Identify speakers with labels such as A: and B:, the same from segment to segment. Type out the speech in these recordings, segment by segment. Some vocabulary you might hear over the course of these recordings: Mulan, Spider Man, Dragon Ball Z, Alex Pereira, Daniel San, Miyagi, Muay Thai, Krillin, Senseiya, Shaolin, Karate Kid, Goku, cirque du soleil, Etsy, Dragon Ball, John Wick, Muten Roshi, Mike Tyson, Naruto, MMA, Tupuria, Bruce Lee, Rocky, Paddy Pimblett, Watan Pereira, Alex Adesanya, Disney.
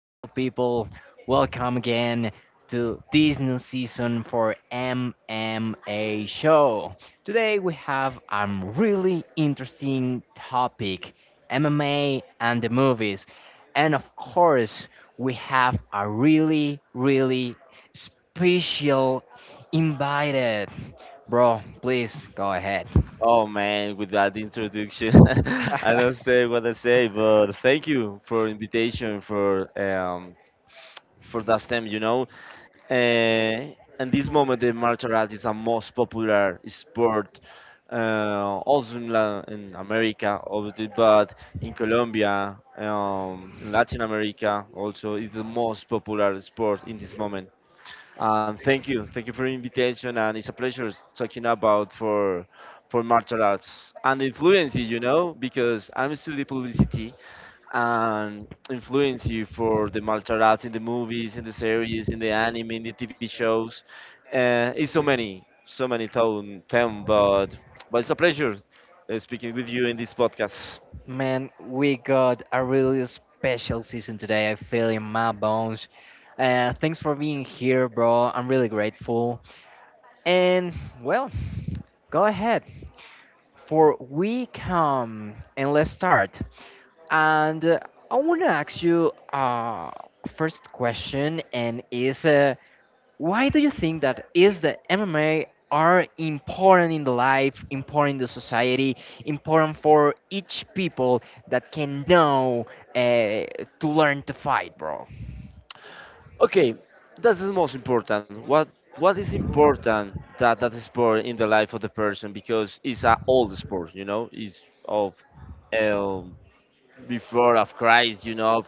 A: Well, people, welcome again to this new season for MMA Show. Today we have a really interesting topic: MMA and the movies. And of course, we have a really, really special invited. Bro, please go ahead.
B: Oh man, with that introduction, I don't say what I say, but thank you for invitation for that STEM, you know. And this moment, the martial art is a most popular sport, also in, La in America, obviously, but in Colombia, in Latin America, also is the most popular sport in this moment. Thank you for the invitation, and it's a pleasure talking about for martial arts and influence. You know, because I'm studying publicity and influence you for the martial arts in the movies, in the series, in the anime, in the TV shows. It's so many, so many town, but it's a pleasure speaking with you in this podcast.
A: Man, we got a really special season today. I feel in my bones. Thanks for being here, bro. I'm really grateful. And well, go ahead. For we come and let's start. And I want to ask you first question, and is why do you think that is the MMA are important in the life, important in the society, important for each people that can know uh, to learn to fight, bro?
B: Okay, that's the most important. What is important that sport in the life of the person because it's an old sport, you know, it's of um, before of Christ, you know,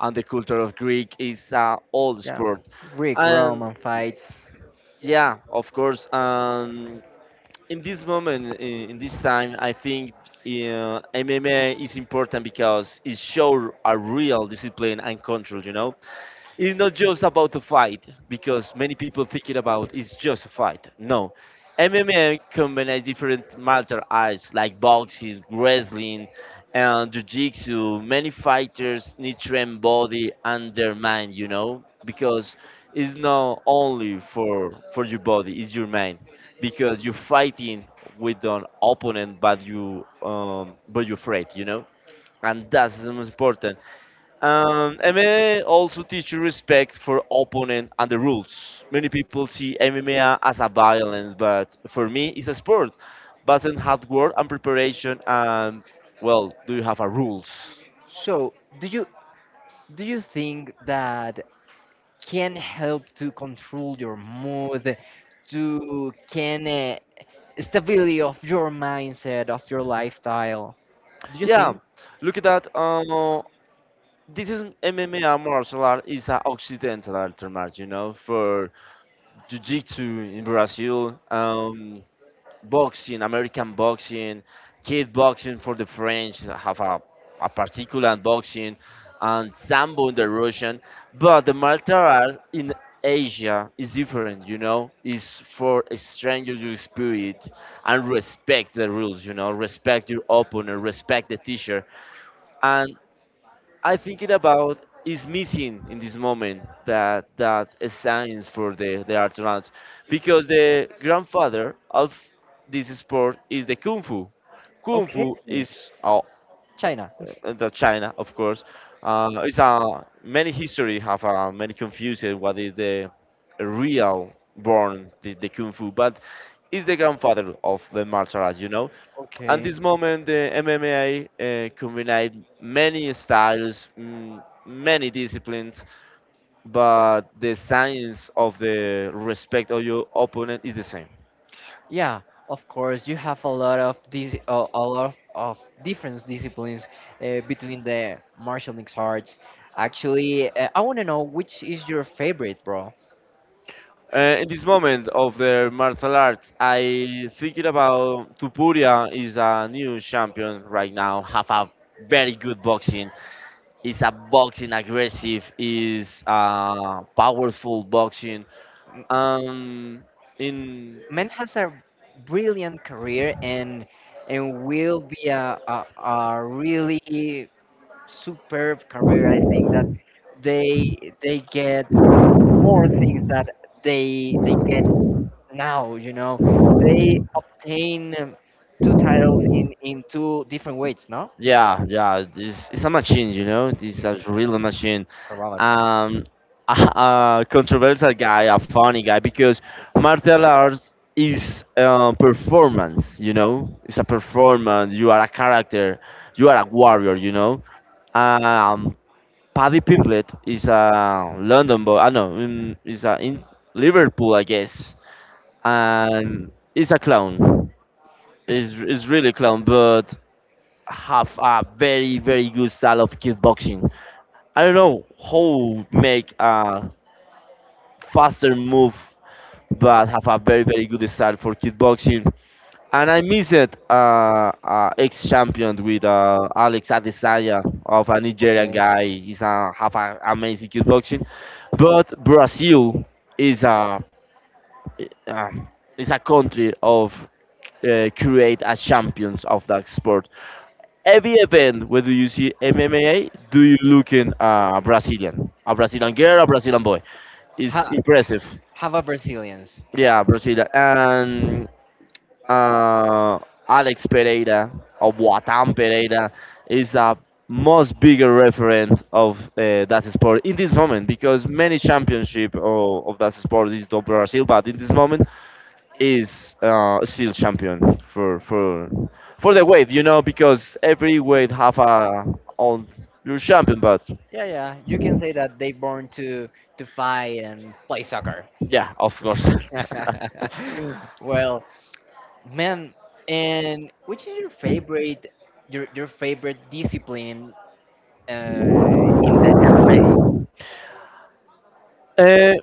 B: and the culture of Greek is an old
A: Yeah,
B: sport,
A: Rick
B: and
A: Roman fights.
B: yeah, of course. In this moment, in this time, I think MMA is important because it shows a real discipline and control. You know, it's not just about the fight because many people think it about it's just a fight. No, MMA combines different martial arts like boxing, wrestling, and jiu-jitsu. Many fighters need to train body and their mind, you know, because it's not only for your body, it's your mind because you're fighting with an opponent, but you but you're afraid, you know, and that's the most important. MMA also teaches respect for opponent and the rules. Many people see MMA as a violence, but for me, it's a sport. But in hard work and preparation, and well, do you have a rules?
A: So, do you do you think that can help to control your mood, to can stability of your mindset, of your lifestyle? Do you
B: Yeah,
A: think?
B: look at that. This is MMA martial art is an Occidental art martial, you know, for Jiu-Jitsu in Brazil. Boxing, American boxing, kid boxing for the French have a particular boxing, and sambo in the Russian. But the martial arts in Asia is different, you know. It's for a stranger to spirit and respect the rules, you know. Respect your opponent, respect the teacher, and I thinking about is missing in this moment that signs for the astronauts because the grandfather of this sport is the kung fu. Kung
A: Okay.
B: fu is oh,
A: China.
B: uh, the China, of course. It's a many history have many confusion what is the real born the kung fu, but is the grandfather of the martial arts, you know. At
A: Okay.
B: this moment, the MMA combined many styles, many disciplines, but the science of the respect of your opponent is the same.
A: Yeah, of course, you have a lot of these, a lot of different disciplines between the martial mixed arts. Actually, I want to know which is your favorite, bro.
B: In this moment of the martial arts, I thinking about Tupuria is a new champion right now, have a very good boxing. Is a boxing aggressive, is a powerful boxing.
A: M-
B: Um, in
A: Man has a brilliant career, and will be a really superb career. I think that they they get more things that they get now, they obtain two titles in two different weights, no?
B: Yeah, yeah, it's a machine, you know. It's
A: Yeah,
B: a real machine.
A: correct.
B: Um, a controversial guy, a funny guy, because martial arts is performance, you know. It's a performance. You are a character. You are a warrior, you know. Um, Paddy Pimblett is a London boy. I know. Is a in Liverpool, I guess, and he's a clown. Is really clown, but have a very good style of kickboxing. I don't know how make a faster move, but have a very good style for kickboxing. And I miss it. Ex-champion with Alex Adesanya of a Nigerian
A: Okay.
B: guy. He's a, have a amazing kickboxing, but Brazil is a uh, is a country of create as champions of that sport. Every event whether you see MMA, do you look in a Brazilian girl, a Brazilian boy? It's
A: Ha,
B: impressive.
A: have a brazilians.
B: Yeah, Brazilian and uh, Alex Pereira or Watan Pereira is a most bigger referent of that sport in this moment because many championship of that sport is of Brazil, but in this moment is still champion for the weight, you know, because every weight have a on your champion. But
A: Yeah, yeah, you can say that they born to fight and play soccer.
B: yeah, of course,
A: Well, man, and which is your favorite, your favorite discipline uh in the MMA?
B: uh,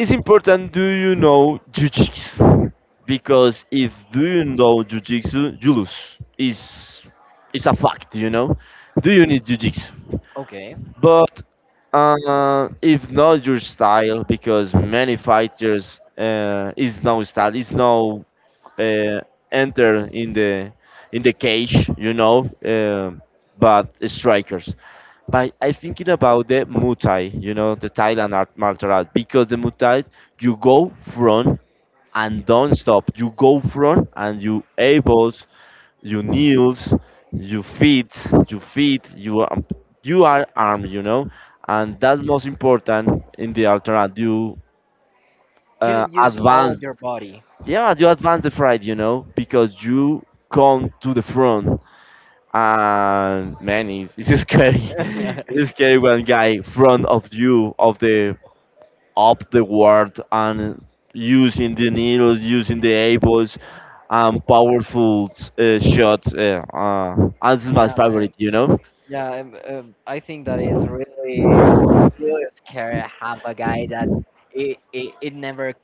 B: it's important. Do you know jujitsu? Because if do you know jujitsu, you lose. Is it's a fact, you know. Do you need jujitsu?
A: Okay,
B: But if not your style, because many fighters is no style, is no uh, enter in the cage, you know, but strikers. But I thinking about the Muay Thai, you know, the Thailand art martial art, because the Muay Thai you go front and don't stop. You go front and you able you kneels, you feet, you feet, you are armed, you know, and that's most important in the alternate. You
A: you
B: uh,
A: didn't use all
B: advance,
A: your body.
B: yeah, you advance the fight, you know, because you come to the front, and man, it's scary. It's scary when guy front of you of the up the world and using the needles, using the ables, and powerful shots. And this is my
A: Yeah, man.
B: favorite, you know?
A: Yeah, I think that is really, it's really scary to have a guy that it never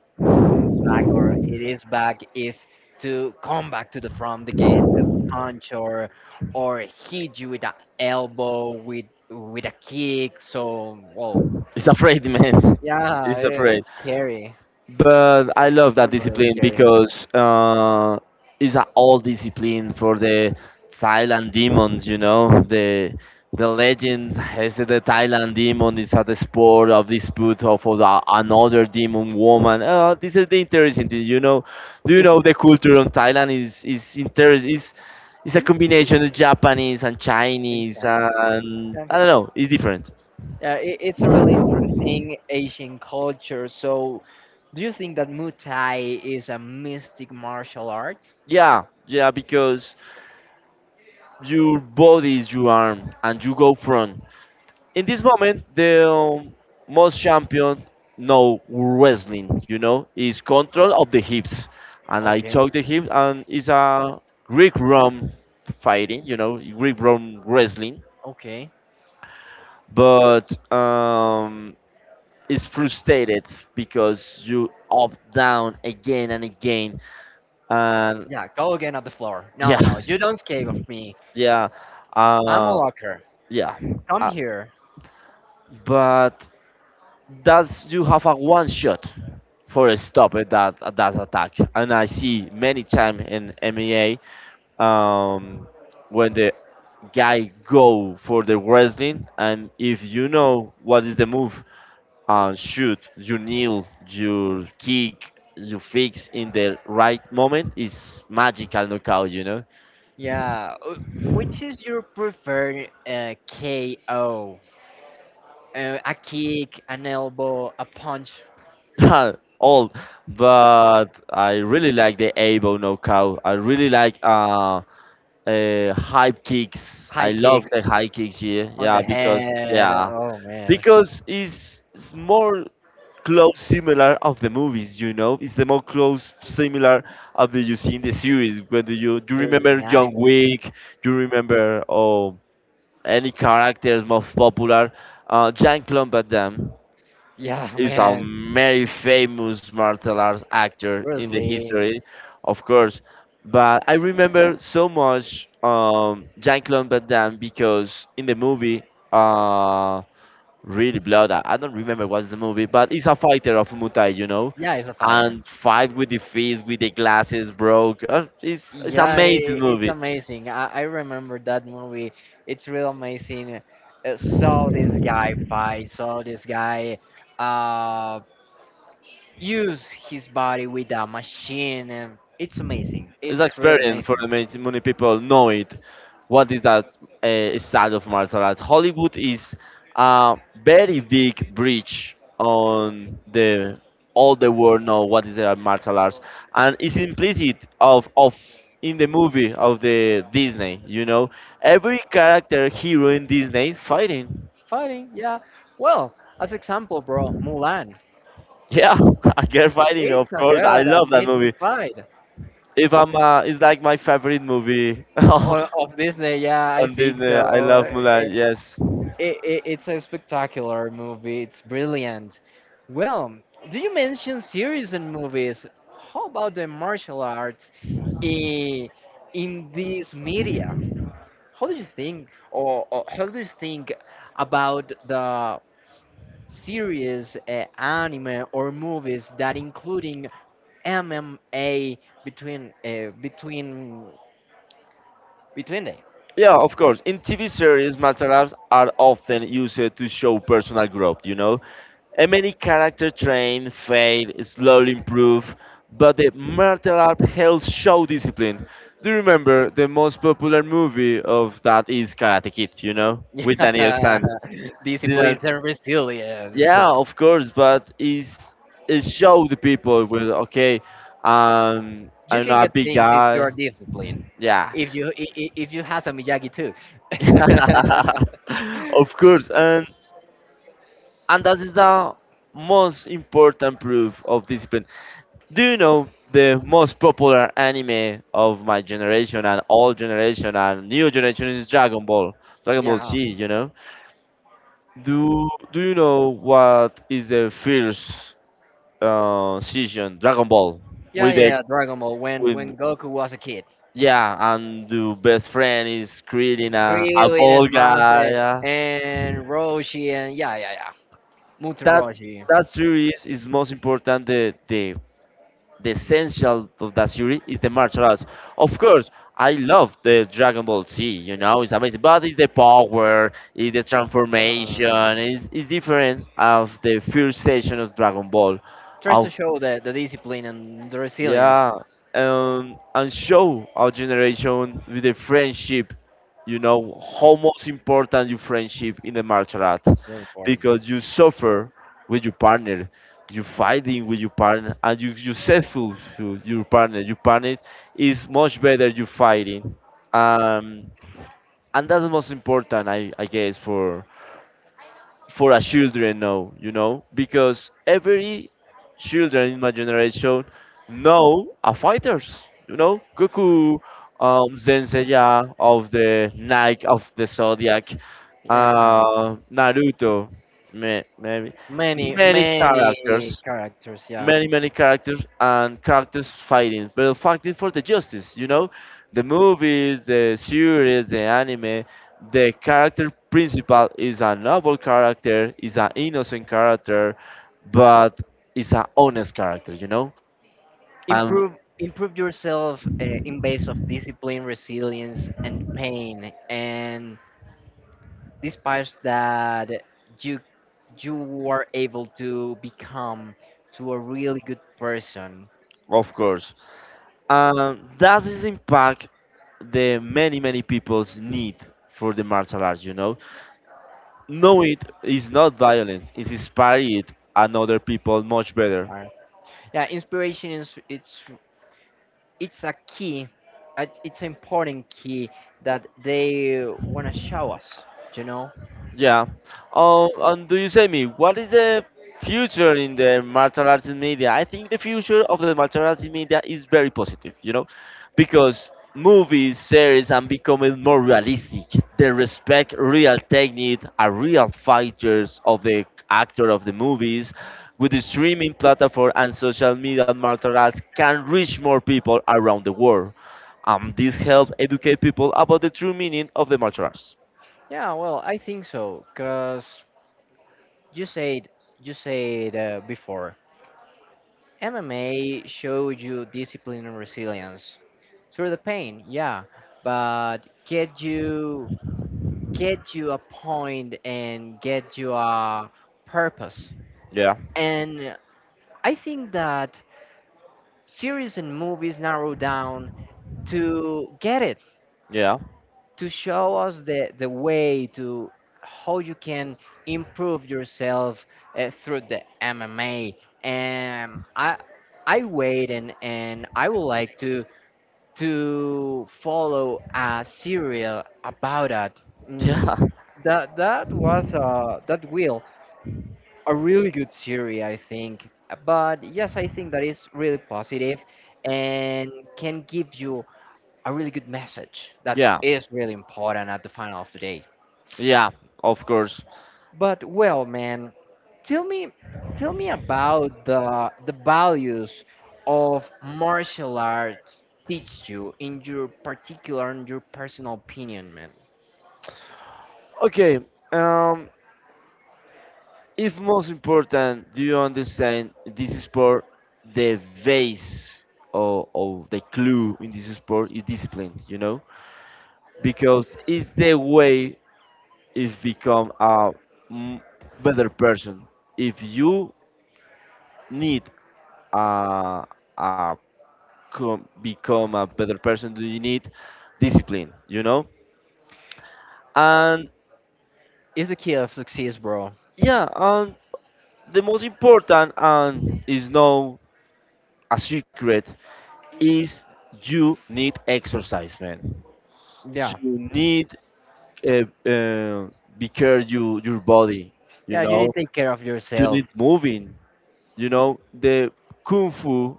A: comes back, or it is back if to come back to the front again to punch, or hit you with an elbow, with a kick. So whoa,
B: It's afraid, man.
A: yeah,
B: It's afraid.
A: it's scary.
B: But I love that
A: It's really
B: discipline
A: scary.
B: because it's an old discipline for the Thailand demons. You know, the legend has that the Thailand demon is at the sport of dispute of the, another demon woman. This is the interesting thing. You know, do you
A: It's
B: know the culture on Thailand is interesting. Is it's a
A: it's
B: combination of Japanese and
A: in
B: Chinese
A: Chinese.
B: and
A: Yeah,
B: I don't know. It's different.
A: yeah, it's a really interesting Asian culture. So, do you think that Muay Thai is a mystic martial art?
B: Yeah, yeah, because your body is your arm and you go front. In this moment, the most champion know wrestling, you know, is control of the hips. And I took the hips and it's a Greek Rome fighting, you know, Greek Rome wrestling.
A: Okay.
B: But it's frustrated because you up, down again and again. And
A: Yeah, go again at the floor. No,
B: yeah,
A: no, you don't escape of me.
B: yeah,
A: I'm a
B: uh,
A: locker.
B: yeah.
A: Come
B: uh,
A: here.
B: but does you have a one shot for a stop at that attack, and I see many time in MEA, um when the guy go for the wrestling, and if you know what is the move and shoot, you kneel, you kick, you fix in the right moment is magical knockout, you know.
A: Yeah. Which is your preferred KO? A kick, an elbow, a punch,
B: All, but I really like the able knockout. I really like high kicks.
A: high
B: I love
A: kicks
B: the high kicks here.
A: on the head.
B: Yeah,
A: Oh man,
B: because it's more close similar of the movies. You know, it's the more close similar of the you see in the series. Whether you do you
A: serious
B: remember John
A: animals.
B: Wick, do you remember any characters most popular, Jean Claude Van Damme
A: Yeah,
B: is a
A: man.
B: very famous martial arts actor
A: Bruce
B: in the
A: Lee.
B: history, of course. But I remember so much Jean-Claude Van Damme because in the movie, uh, really blood. I don't remember what's the movie, but he's a fighter of Muay Thai, you know,
A: Yeah, he's a fighter.
B: and fight with the fist, with the glasses broke. It's
A: Yeah, I
B: amazing
A: it's
B: movie.
A: amazing. I remember that movie. It's real amazing. Saw this guy fight, saw this guy uh, use his body with a machine. And it's amazing.
B: It's
A: It's really
B: experience for
A: amazing.
B: the many, many people know it. What is that side of martial arts? Hollywood is a very big bridge on the all the world know what is a martial arts, and it's implicit of in the movie of the Disney. You know, every character hero in Disney fighting.
A: Fighting, yeah. Well, as example, bro, Mulan.
B: Yeah, a girl fighting.
A: It's
B: Of
A: a
B: course, I
A: girl that
B: love that
A: needs to
B: movie.
A: fight.
B: If I'm, it's like my favorite movie on
A: Of Disney, yeah, I think
B: Disney.
A: so.
B: I love Mulan. Yes.
A: It's a spectacular movie. It's brilliant. Well, do you mention series and movies? How about the martial arts i- in this media? How do you think, or how do you think about the series, anime, or movies that including MMA between between them?
B: Yeah, of course. In TV series, martial arts are often used to show personal growth, you know? And many characters train, fail, slowly improve, but the martial art helps show discipline. Do you remember the most popular movie of that is Karate Kid, you know? With Daniel
A: Yeah,
B: San. Daniel-
A: discipline and resilience.
B: yeah, of course, it show the people with, okay,
A: You
B: I'm
A: can
B: not a
A: get
B: big
A: things if you
B: guy.
A: are disciplined.
B: Yeah.
A: If you have some Miyagi too.
B: Of course. And. And that is the most important proof of discipline. Do you know the most popular anime of my generation and old generation and new generation is Dragon Ball, Dragon Ball Z,
A: Yeah.
B: you know? Do you know what is the first season Dragon Ball. Yeah.
A: Yeah,
B: with
A: yeah,
B: the
A: yeah. Dragon Ball. When
B: with
A: when Goku was a kid,
B: yeah, and the best friend is creating a
A: Krillin
B: ball
A: and Mas,
B: guy,
A: and,
B: yeah,
A: and Roshi, and yeah, yeah, yeah. Muten
B: that
A: Roshi.
B: series is most important the essential of that series is the martial arts. Of course, I love the Dragon Ball Z, you know, it's amazing, but it's the power, it's the
A: Uh,
B: transformation, it's different of the first session of Dragon Ball.
A: Tries to
B: Of
A: show the discipline and the resilience.
B: yeah, and show our generation with the friendship, you know, how most important your friendship in the martial art,
A: Really important.
B: because you suffer with your partner, you fighting with your partner, and you successful to your partner. Your partner is much better you fighting, um, and that's the most important, I guess, for a children now, you know, because every children in my generation know are fighters, you know, Goku, Senseiya of the Nike of the Zodiac,
A: Yeah,
B: Naruto, maybe
A: many
B: many
A: many
B: characters,
A: characters. Yeah.
B: many many characters, and characters fighting, but fighting for the justice, you know, the movies, the series, the anime, the character principal is a noble character, is an innocent character, but is an honest character, you know. And
A: improve improve yourself in base of discipline, resilience, and pain, and these parts that you you were able to become to a really good person.
B: of course, and that is impact the many many people's need for the martial arts, you know. Know it is not violence, it's inspired and other people much better.
A: Inspire. Yeah, inspiration, is it's a key, it's an important key that they want to show us you know
B: Yeah. And do you say me, what is the future in the martial arts in media? I think the future of the martial arts in media is very positive, you know, because movies, series, and becoming more realistic. They respect real technique, are real fighters of the actor of the movies. With the streaming platform and social media, martial arts can reach more people around the world. This helps educate people about the true meaning of the martial arts.
A: yeah, well, I think so because you said you said before MMA showed you discipline and resilience through the pain, yeah, but get you get you a point and get you a purpose.
B: Yeah,
A: And I think that series and movies narrow down to get it,
B: yeah.
A: to show us the way to how you can improve yourself through the MMA. And I wait, and I would like to follow a serial about it. Mm,
B: Yeah,
A: that was that will a really good series, I think. But yes, I think that is really positive, and can give you a really good message that, yeah,
B: yeah,
A: is really important at the final of the day.
B: yeah, of course.
A: But well, man, tell me tell me about the values of martial arts teach you in your particular, in your personal opinion, man.
B: Okay, um, if most important, do you understand this sport? The base or the clue in this sport is discipline, you know, because it's the way if become a m- better person. If you need a, a become a better person, do you need discipline, you know? And
A: It's the key of success, bro.
B: yeah, the most important and is no a secret is you need exercise, man.
A: Yeah.
B: You need uh, uh, be care you your body, you
A: Yeah, you need
B: know.
A: to take care of
B: You
A: yourself.
B: need moving, you know, the kung fu,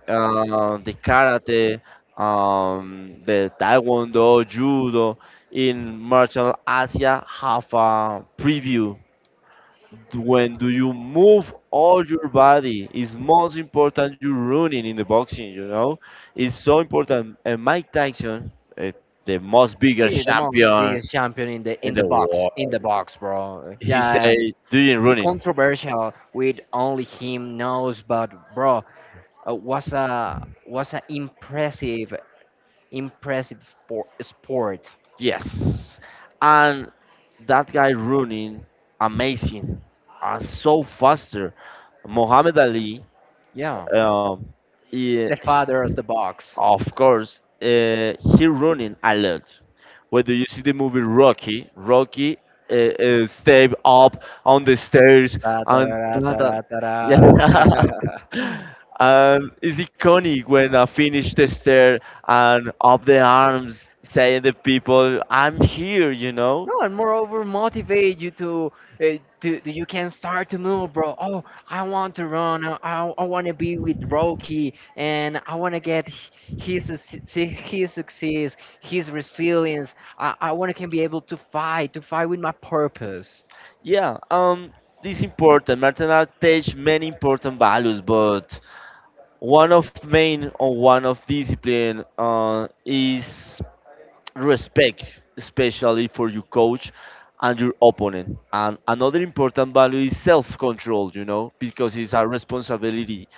B: the karate, the taekwondo, judo. In martial Asia have a preview. When do you move all your body is most important, you running in the boxing, you know. It's so important. And Mike Tyson, eh, the most biggest
A: See, the most
B: champion
A: biggest champion in the
B: in
A: in the
B: the
A: box,
B: world,
A: bro.
B: he
A: Yeah,
B: said doing running.
A: controversial with only him knows, but bro, was a, impressive, sport.
B: Yes, and that guy running amazing and so faster. Muhammad Ali,
A: Yeah,
B: um, he-
A: the father of the box.
B: of course, he running a lot. Whether you see the movie Rocky, Rocky step up on the stairs,
A: Da, da,
B: and
A: da, da, da, da,
B: yeah.
A: da.
B: And it's iconic when I finish the stair and up the arms saying the people, I'm here, you know?
A: No, and moreover, motivate you you can start to move, bro. Oh, I want to run. I want to be with Rocky, and I want to get h- his suc- see his success, his resilience. I want to can be able to fight with my purpose.
B: Yeah, this important. Martial art teach many important values, but one of main or one of discipline is respect, especially for your coach and your opponent. And another important value is self control, you know, because it's a responsibility.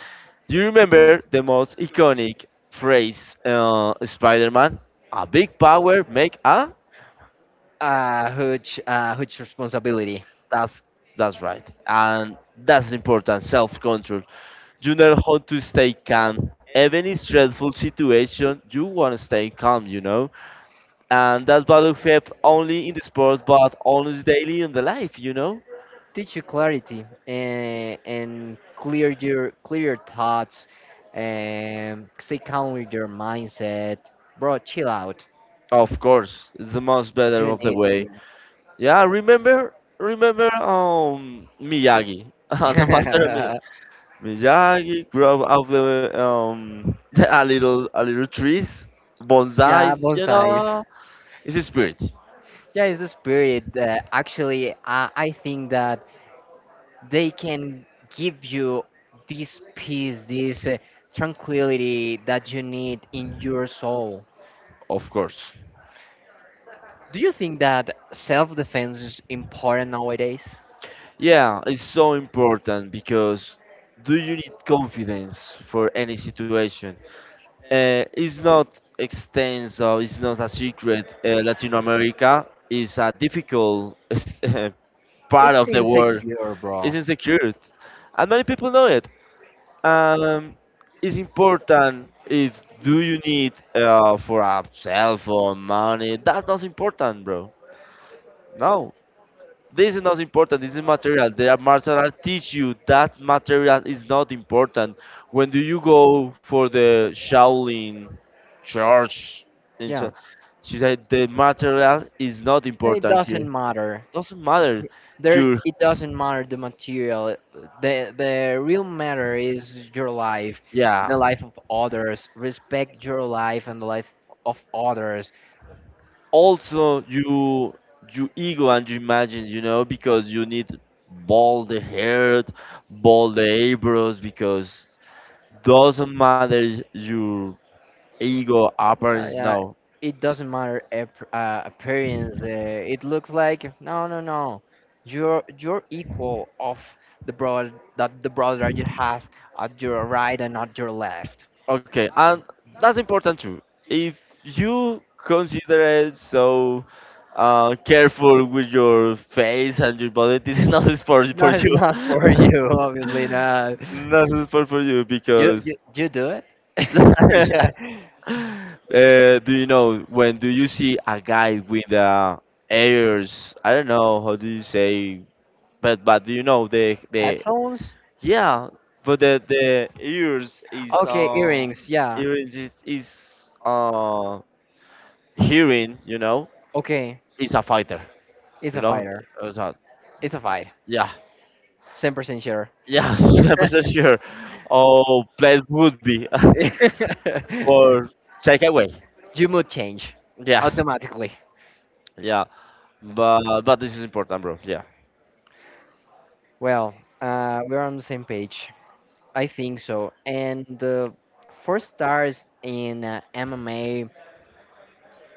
B: Do you remember the most iconic phrase, Spider Man? A big power make a.
A: Huge responsibility.
B: That's, that's right. And that's important self control. You know how to stay calm. Even in stressful situation, you want to stay calm, you know? And that's value felt only in the sport but almost daily in the life, you know.
A: Teach you clarity, and clear your thoughts, and stay calm with your mindset, bro. Chill out.
B: Of course, it's the most better
A: You
B: of the
A: need
B: way.
A: to.
B: Yeah, remember Miyagi. The master of Miyagi, Miyagi grow up the a little trees,
A: Yeah,
B: bonsais, you
A: bonsais.
B: know. It's a spirit.
A: Yeah, it's the spirit. Actually, I think that they can give you this peace, this tranquility that you need in your soul.
B: Of course.
A: Do you think that self defense is important nowadays?
B: Yeah, it's so important because do you need confidence for any situation. It's not extensive, it's not a secret. Latin America is a difficult part
A: It's
B: of the world.
A: insecure, bro.
B: It's insecure, and many people know it. Um, it's important if do you need for a cell phone money. That's not important, bro. No, this is not important. This is material. There are martial art teach you that material is not important. When do you go for the Shaolin? Charge into,
A: Yeah,
B: she said the material is not
A: it
B: important here,
A: doesn't matter.
B: doesn't matter
A: There,
B: your,
A: it doesn't matter the material. The real matter is your life,
B: yeah,
A: the life of others. Respect your life and the life of others.
B: also you ego and you imagine, you know, because you need bald the hair, bald the eyebrows, because doesn't matter your ego appearance
A: Yeah,
B: now.
A: it doesn't matter appearance. It looks like no, no, no. You're equal of the brother that you has at your right and at your left.
B: Okay, and that's important too. If you consider it so careful with your face and your body, this is not a sport
A: No,
B: for
A: it's
B: you.
A: not for you. Obviously not.
B: Not a sport for you
A: You you,
B: because
A: you do it.
B: yeah. Do you know when do you see a guy with ears? I don't know how do you say, but do you know the
A: Headphones.
B: yeah, but the
A: Okay, earrings. Yeah.
B: ears is hearing, you know,
A: Okay,
B: is a fighter,
A: it's
B: you
A: a
B: know.
A: fighter.
B: Uh, so-
A: It's a fight.
B: yeah,
A: 100% sure.
B: yeah, 100% sure. Oh, Blade would be for take away.
A: You mood change
B: Yeah,
A: automatically.
B: yeah, but this is important, bro. Yeah,
A: Well, we're on the same page. I think so. And the for stars in MMA,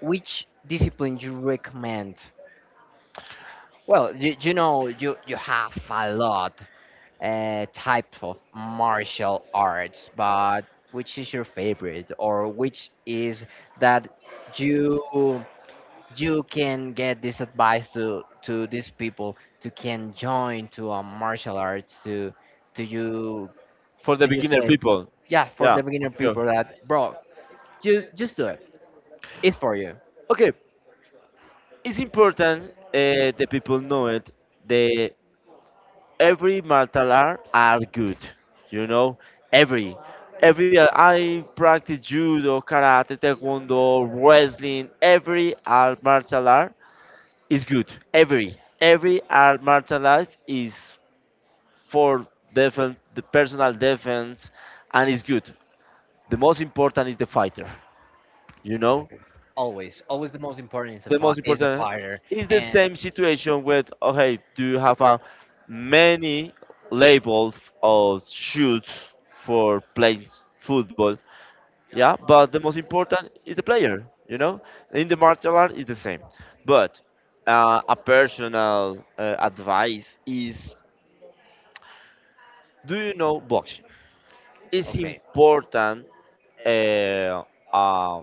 A: which discipline you recommend? Well, you know you have a lot types of martial arts, but which is your favorite, or which is that you you can get this advice to these people to can join to a martial arts to you
B: for the
A: to you
B: beginner
A: say,
B: people.
A: yeah, for
B: Yeah,
A: the beginner
B: okay,
A: people that, bro, just do it, it's for you.
B: okay. It's important the people know it. The every martial art are good, you know, every. Every I practice judo, karate, taekwondo, wrestling. Every art martial art is good. Every art martial art is for defense, the personal defense, and is good. The most important is the fighter. You know,
A: Always the most important is the
B: the
A: fi-
B: most
A: is the
B: important
A: fighter.
B: is the
A: And
B: same situation with okay, do you have a many labels of shoes for playing football. Yeah, but the most important is the player, you know. In the martial art is the same, but a personal advice is do you know boxing. It's
A: okay,
B: important. uh, uh,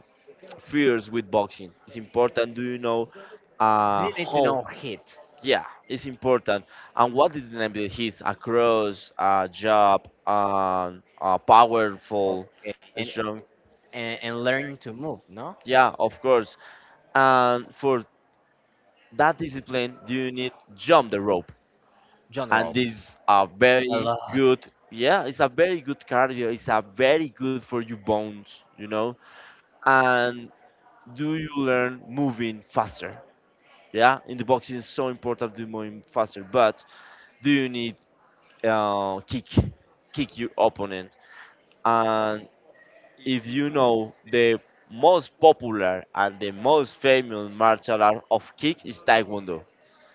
B: Fears with boxing it's important. Do you know
A: do you need to
B: how?
A: know hit?
B: Yeah, it's important. And what is the name that he's across job and powerful,
A: Okay, and
B: strong?
A: and, and learn to move, no?
B: Yeah, of course. And for that discipline, you need jump the rope,
A: John
B: and
A: rope
B: this a
A: a
B: very
A: lot.
B: good. Yeah, it's a very good cardio. It's a very good for your bones, you know. And do you learn moving faster? Yeah, in the boxing, it's so important to moving faster. But do you need kick, kick your opponent, and if you know the most popular and the most famous martial art of kick is taekwondo.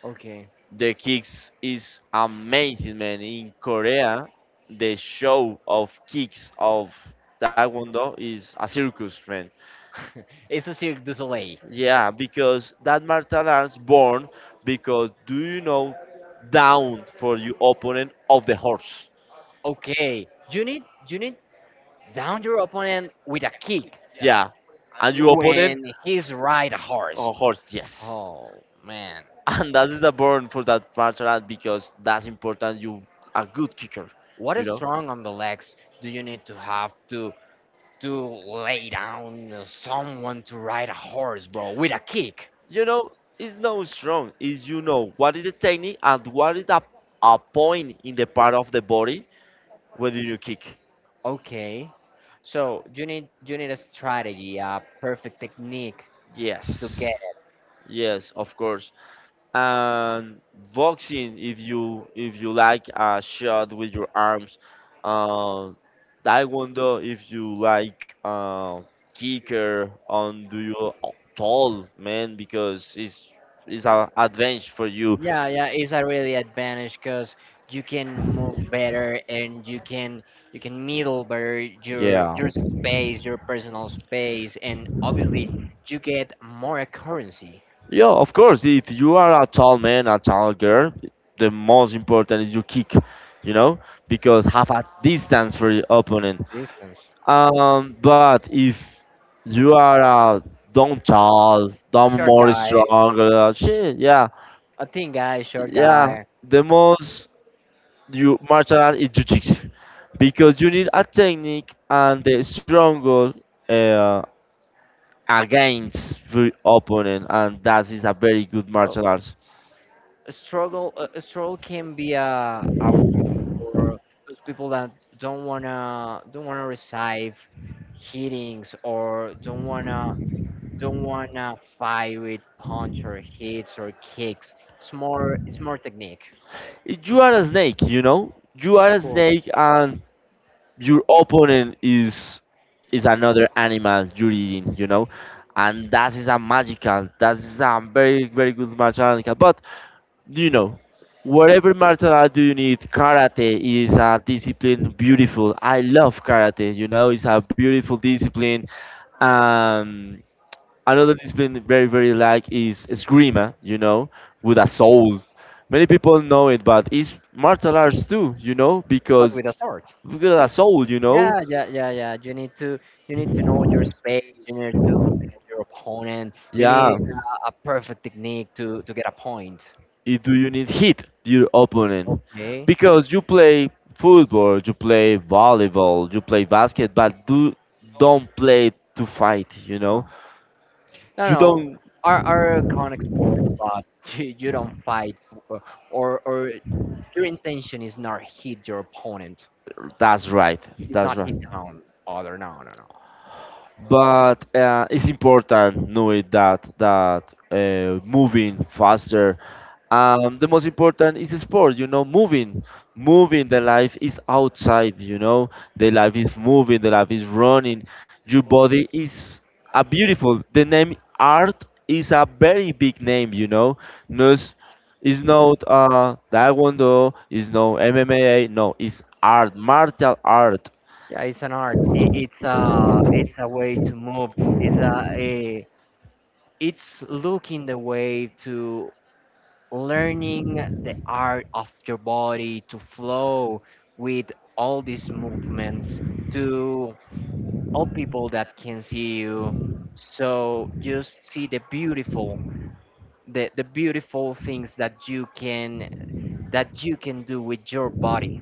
A: Okay.
B: The kicks is amazing, man. In Korea, the show of kicks of taekwondo is a circus, man.
A: It's a cirque du soleil.
B: Yeah, because that martial arts born because do you know down for your opponent of the horse.
A: Okay, you need, down your opponent with a kick
B: Yeah, and your opponent,
A: when he's ride a horse.
B: oh, of course, yes.
A: Oh man,
B: And that is the burn for that martial art because that's important. You a good kicker,
A: what
B: you
A: is
B: know.
A: strong on the legs, do you need to have to lay down someone to ride a horse, bro, with a kick?
B: You know, it's no strong. Is you know what is the technique and what is a point in the part of the body where you kick?
A: Okay, so you need a strategy, a perfect technique to
B: Yes,
A: get.
B: yes, of course. And boxing, if you like a shot with your arms, um taekwondo if you like kicker on, do you tall man, because it's an advantage for you.
A: Yeah, yeah, it's a really advantage because you can move better, and you can middle better your
B: Yeah,
A: your space, your personal space, and obviously you get more accuracy.
B: yeah, of course. If you are a tall man, a tall girl, the most important is your kick, you know, because have a distance for your opponent.
A: Distance.
B: But if you are dumb child,
A: A
B: dumb
A: short
B: more
A: guy,
B: stronger, shit, yeah,
A: a thin guy, short
B: yeah.
A: guy.
B: The most you martial art is jujitsu because you need a technique and the stronger uh, against the opponent, and that is a very good
A: Oh,
B: martial arts.
A: a struggle, a struggle can be a war. Those people that don't wanna receive hitings, or don't wanna fight with punch, or hits, or kicks. It's more technique.
B: If you are a snake, you know, you are a
A: Cool.
B: snake, and your opponent is another animal you're eating, you know, and that is a magical. That is a very very good mechanical. But you know, whatever martial art do you need, karate is a discipline beautiful. I love karate. You know, it's a beautiful discipline. Um, Another discipline very very like is esgrima. You know, with a soul. Many people know it, but it's martial arts too. You know,
A: But with a sword.
B: because a soul. You know.
A: Yeah, yeah, yeah, yeah. You need to know your space. You need to know your opponent. You
B: Yeah.
A: need a perfect technique to get a point.
B: It- do you need hit your opponent
A: Okay.
B: because you play football, you play volleyball, you play basket, but do don't play to fight, you know.
A: No. No,
B: You
A: no,
B: don't.
A: are conic sports, but you don't fight for, or your intention is not hit your opponent.
B: That's right.
A: It's
B: That's
A: not
B: right.
A: hit down other. No, no, no.
B: But it's important knowing that that moving faster, the most important is the sport, you know, moving, moving, the life is outside, you know. The life is moving, the life is running. Your body is a beautiful. The name art is a very big name, you know. No, it's, it's not taekwondo, it's no MMA, no, it's art martial art.
A: Yeah, it's an art. It's a way to move. It's a it's looking the way to learning the art of your body to flow with all these movements to all people that can see you. So just see the beautiful things that you can do with your body.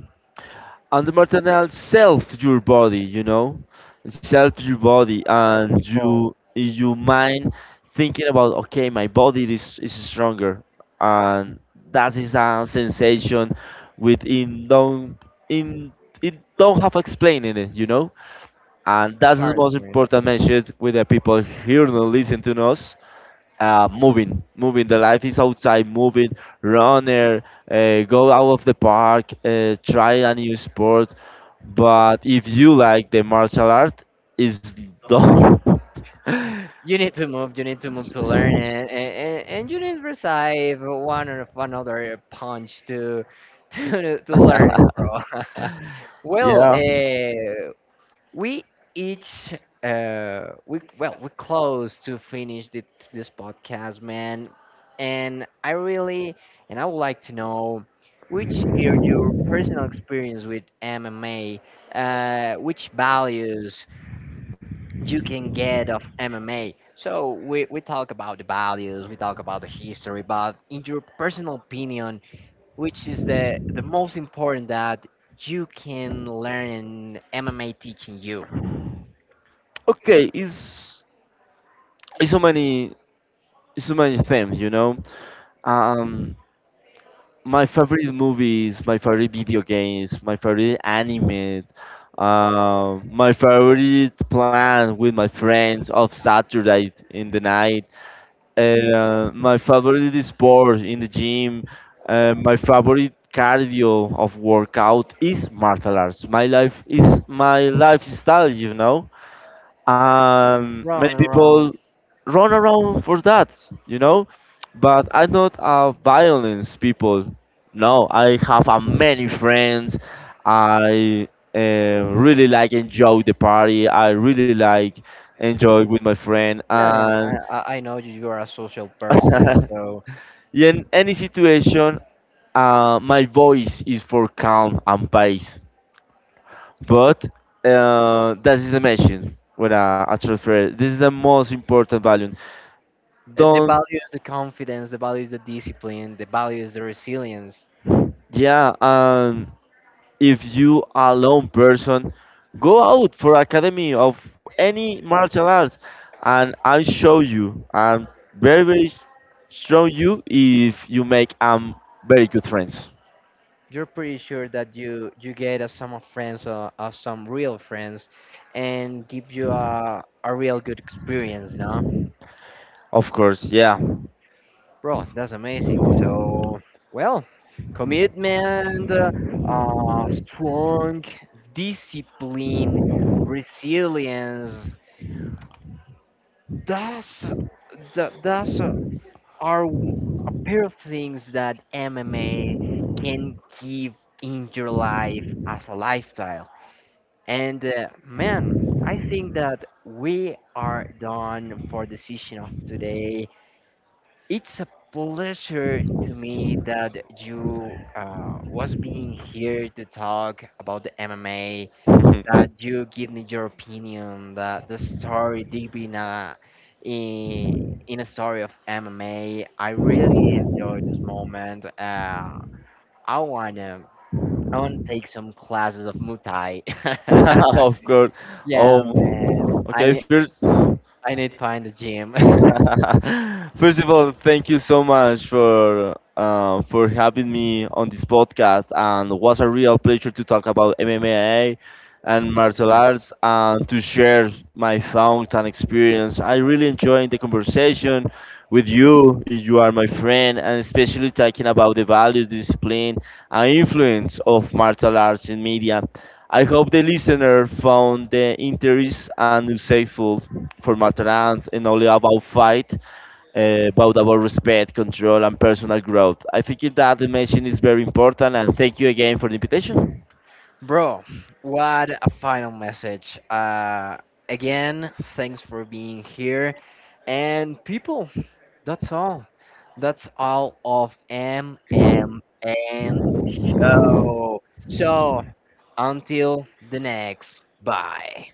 B: And the martingale self your body, you know, self your body
A: Self
B: and
A: control.
B: you mind thinking about okay my body is stronger, and that is a sensation within don't in it don't have explaining it, you know. And that's the
A: Hearts,
B: most
A: man.
B: important message with the people here and listen to us, moving, moving. The life is outside, moving, runner, go out of the park, try a new sport. But if you like the martial art, is done.
A: You need to move to learn it, and, you need to receive one or another punch to to learn, bro. Well,
B: Yeah.
A: we each we well we close to finish this podcast, man. And I really and I would like to know which is your personal experience with MMA, which values you can get of MMA. So we talk about the values, we talk about the history, but in your personal opinion, which is the most important that you can learn in MMA teaching you?
B: Okay, it's it's so many it's so many things, you know. Um, my favorite movies, my favorite video games, my favorite anime, my favorite plan with my friends of Saturday in the night, my favorite sport in the gym, my favorite cardio of workout is martial arts. My life is my lifestyle, you know. Many
A: Round and
B: people
A: round.
B: run around for that, you know. But I'm not a violence people. No, I have a many friends. I uh, really like enjoy the party. I really like enjoy with my friend
A: Yeah, yeah, I,
B: and
A: I I know you are a social person, so
B: in any situation, my voice is for calm and pace. But that is the mention when I transfer. This is the most important value.
A: the
B: Don't
A: value is the confidence, the value is the discipline, the value is the resilience.
B: yeah. If you are lone person, go out for academy of any martial arts, and I show you. I'm very very strong you if you make very good friends.
A: You're pretty sure that you get a some of friends, or some real friends, and give you a real good experience, no?
B: Of course, yeah.
A: Bro, that's amazing. So well, commitment, strong discipline, resilience, that's that's are w- a pair of things that MMA can give in your life as a lifestyle. And man, I think that we are done for the session of today. It's a pleasure to me that you was being here to talk about the MMA. That you give me your opinion. That the story deep in a in, in a story of MMA. I really enjoyed this moment. I wanna I wanna take some classes of Muay Thai.
B: Of course.
A: Yeah, man.
B: Oh, okay,
A: I
B: first.
A: I need to find a gym.
B: First of all, thank you so much for having me on this podcast, and it was a real pleasure to talk about MMA and martial arts and to share my thoughts and experience. I really enjoyed the conversation with you. You are my friend, and especially talking about the values, discipline, and influence of martial arts in media. I hope the listener found the interest and insightful for tolerance and only about fight, but about respect, control, and personal growth. I think that dimension is very important, and thank you again for the invitation.
A: Bro, what a final message. Again, thanks for being here. And people, that's all. That's all of MMN show. So, until the next. Bye.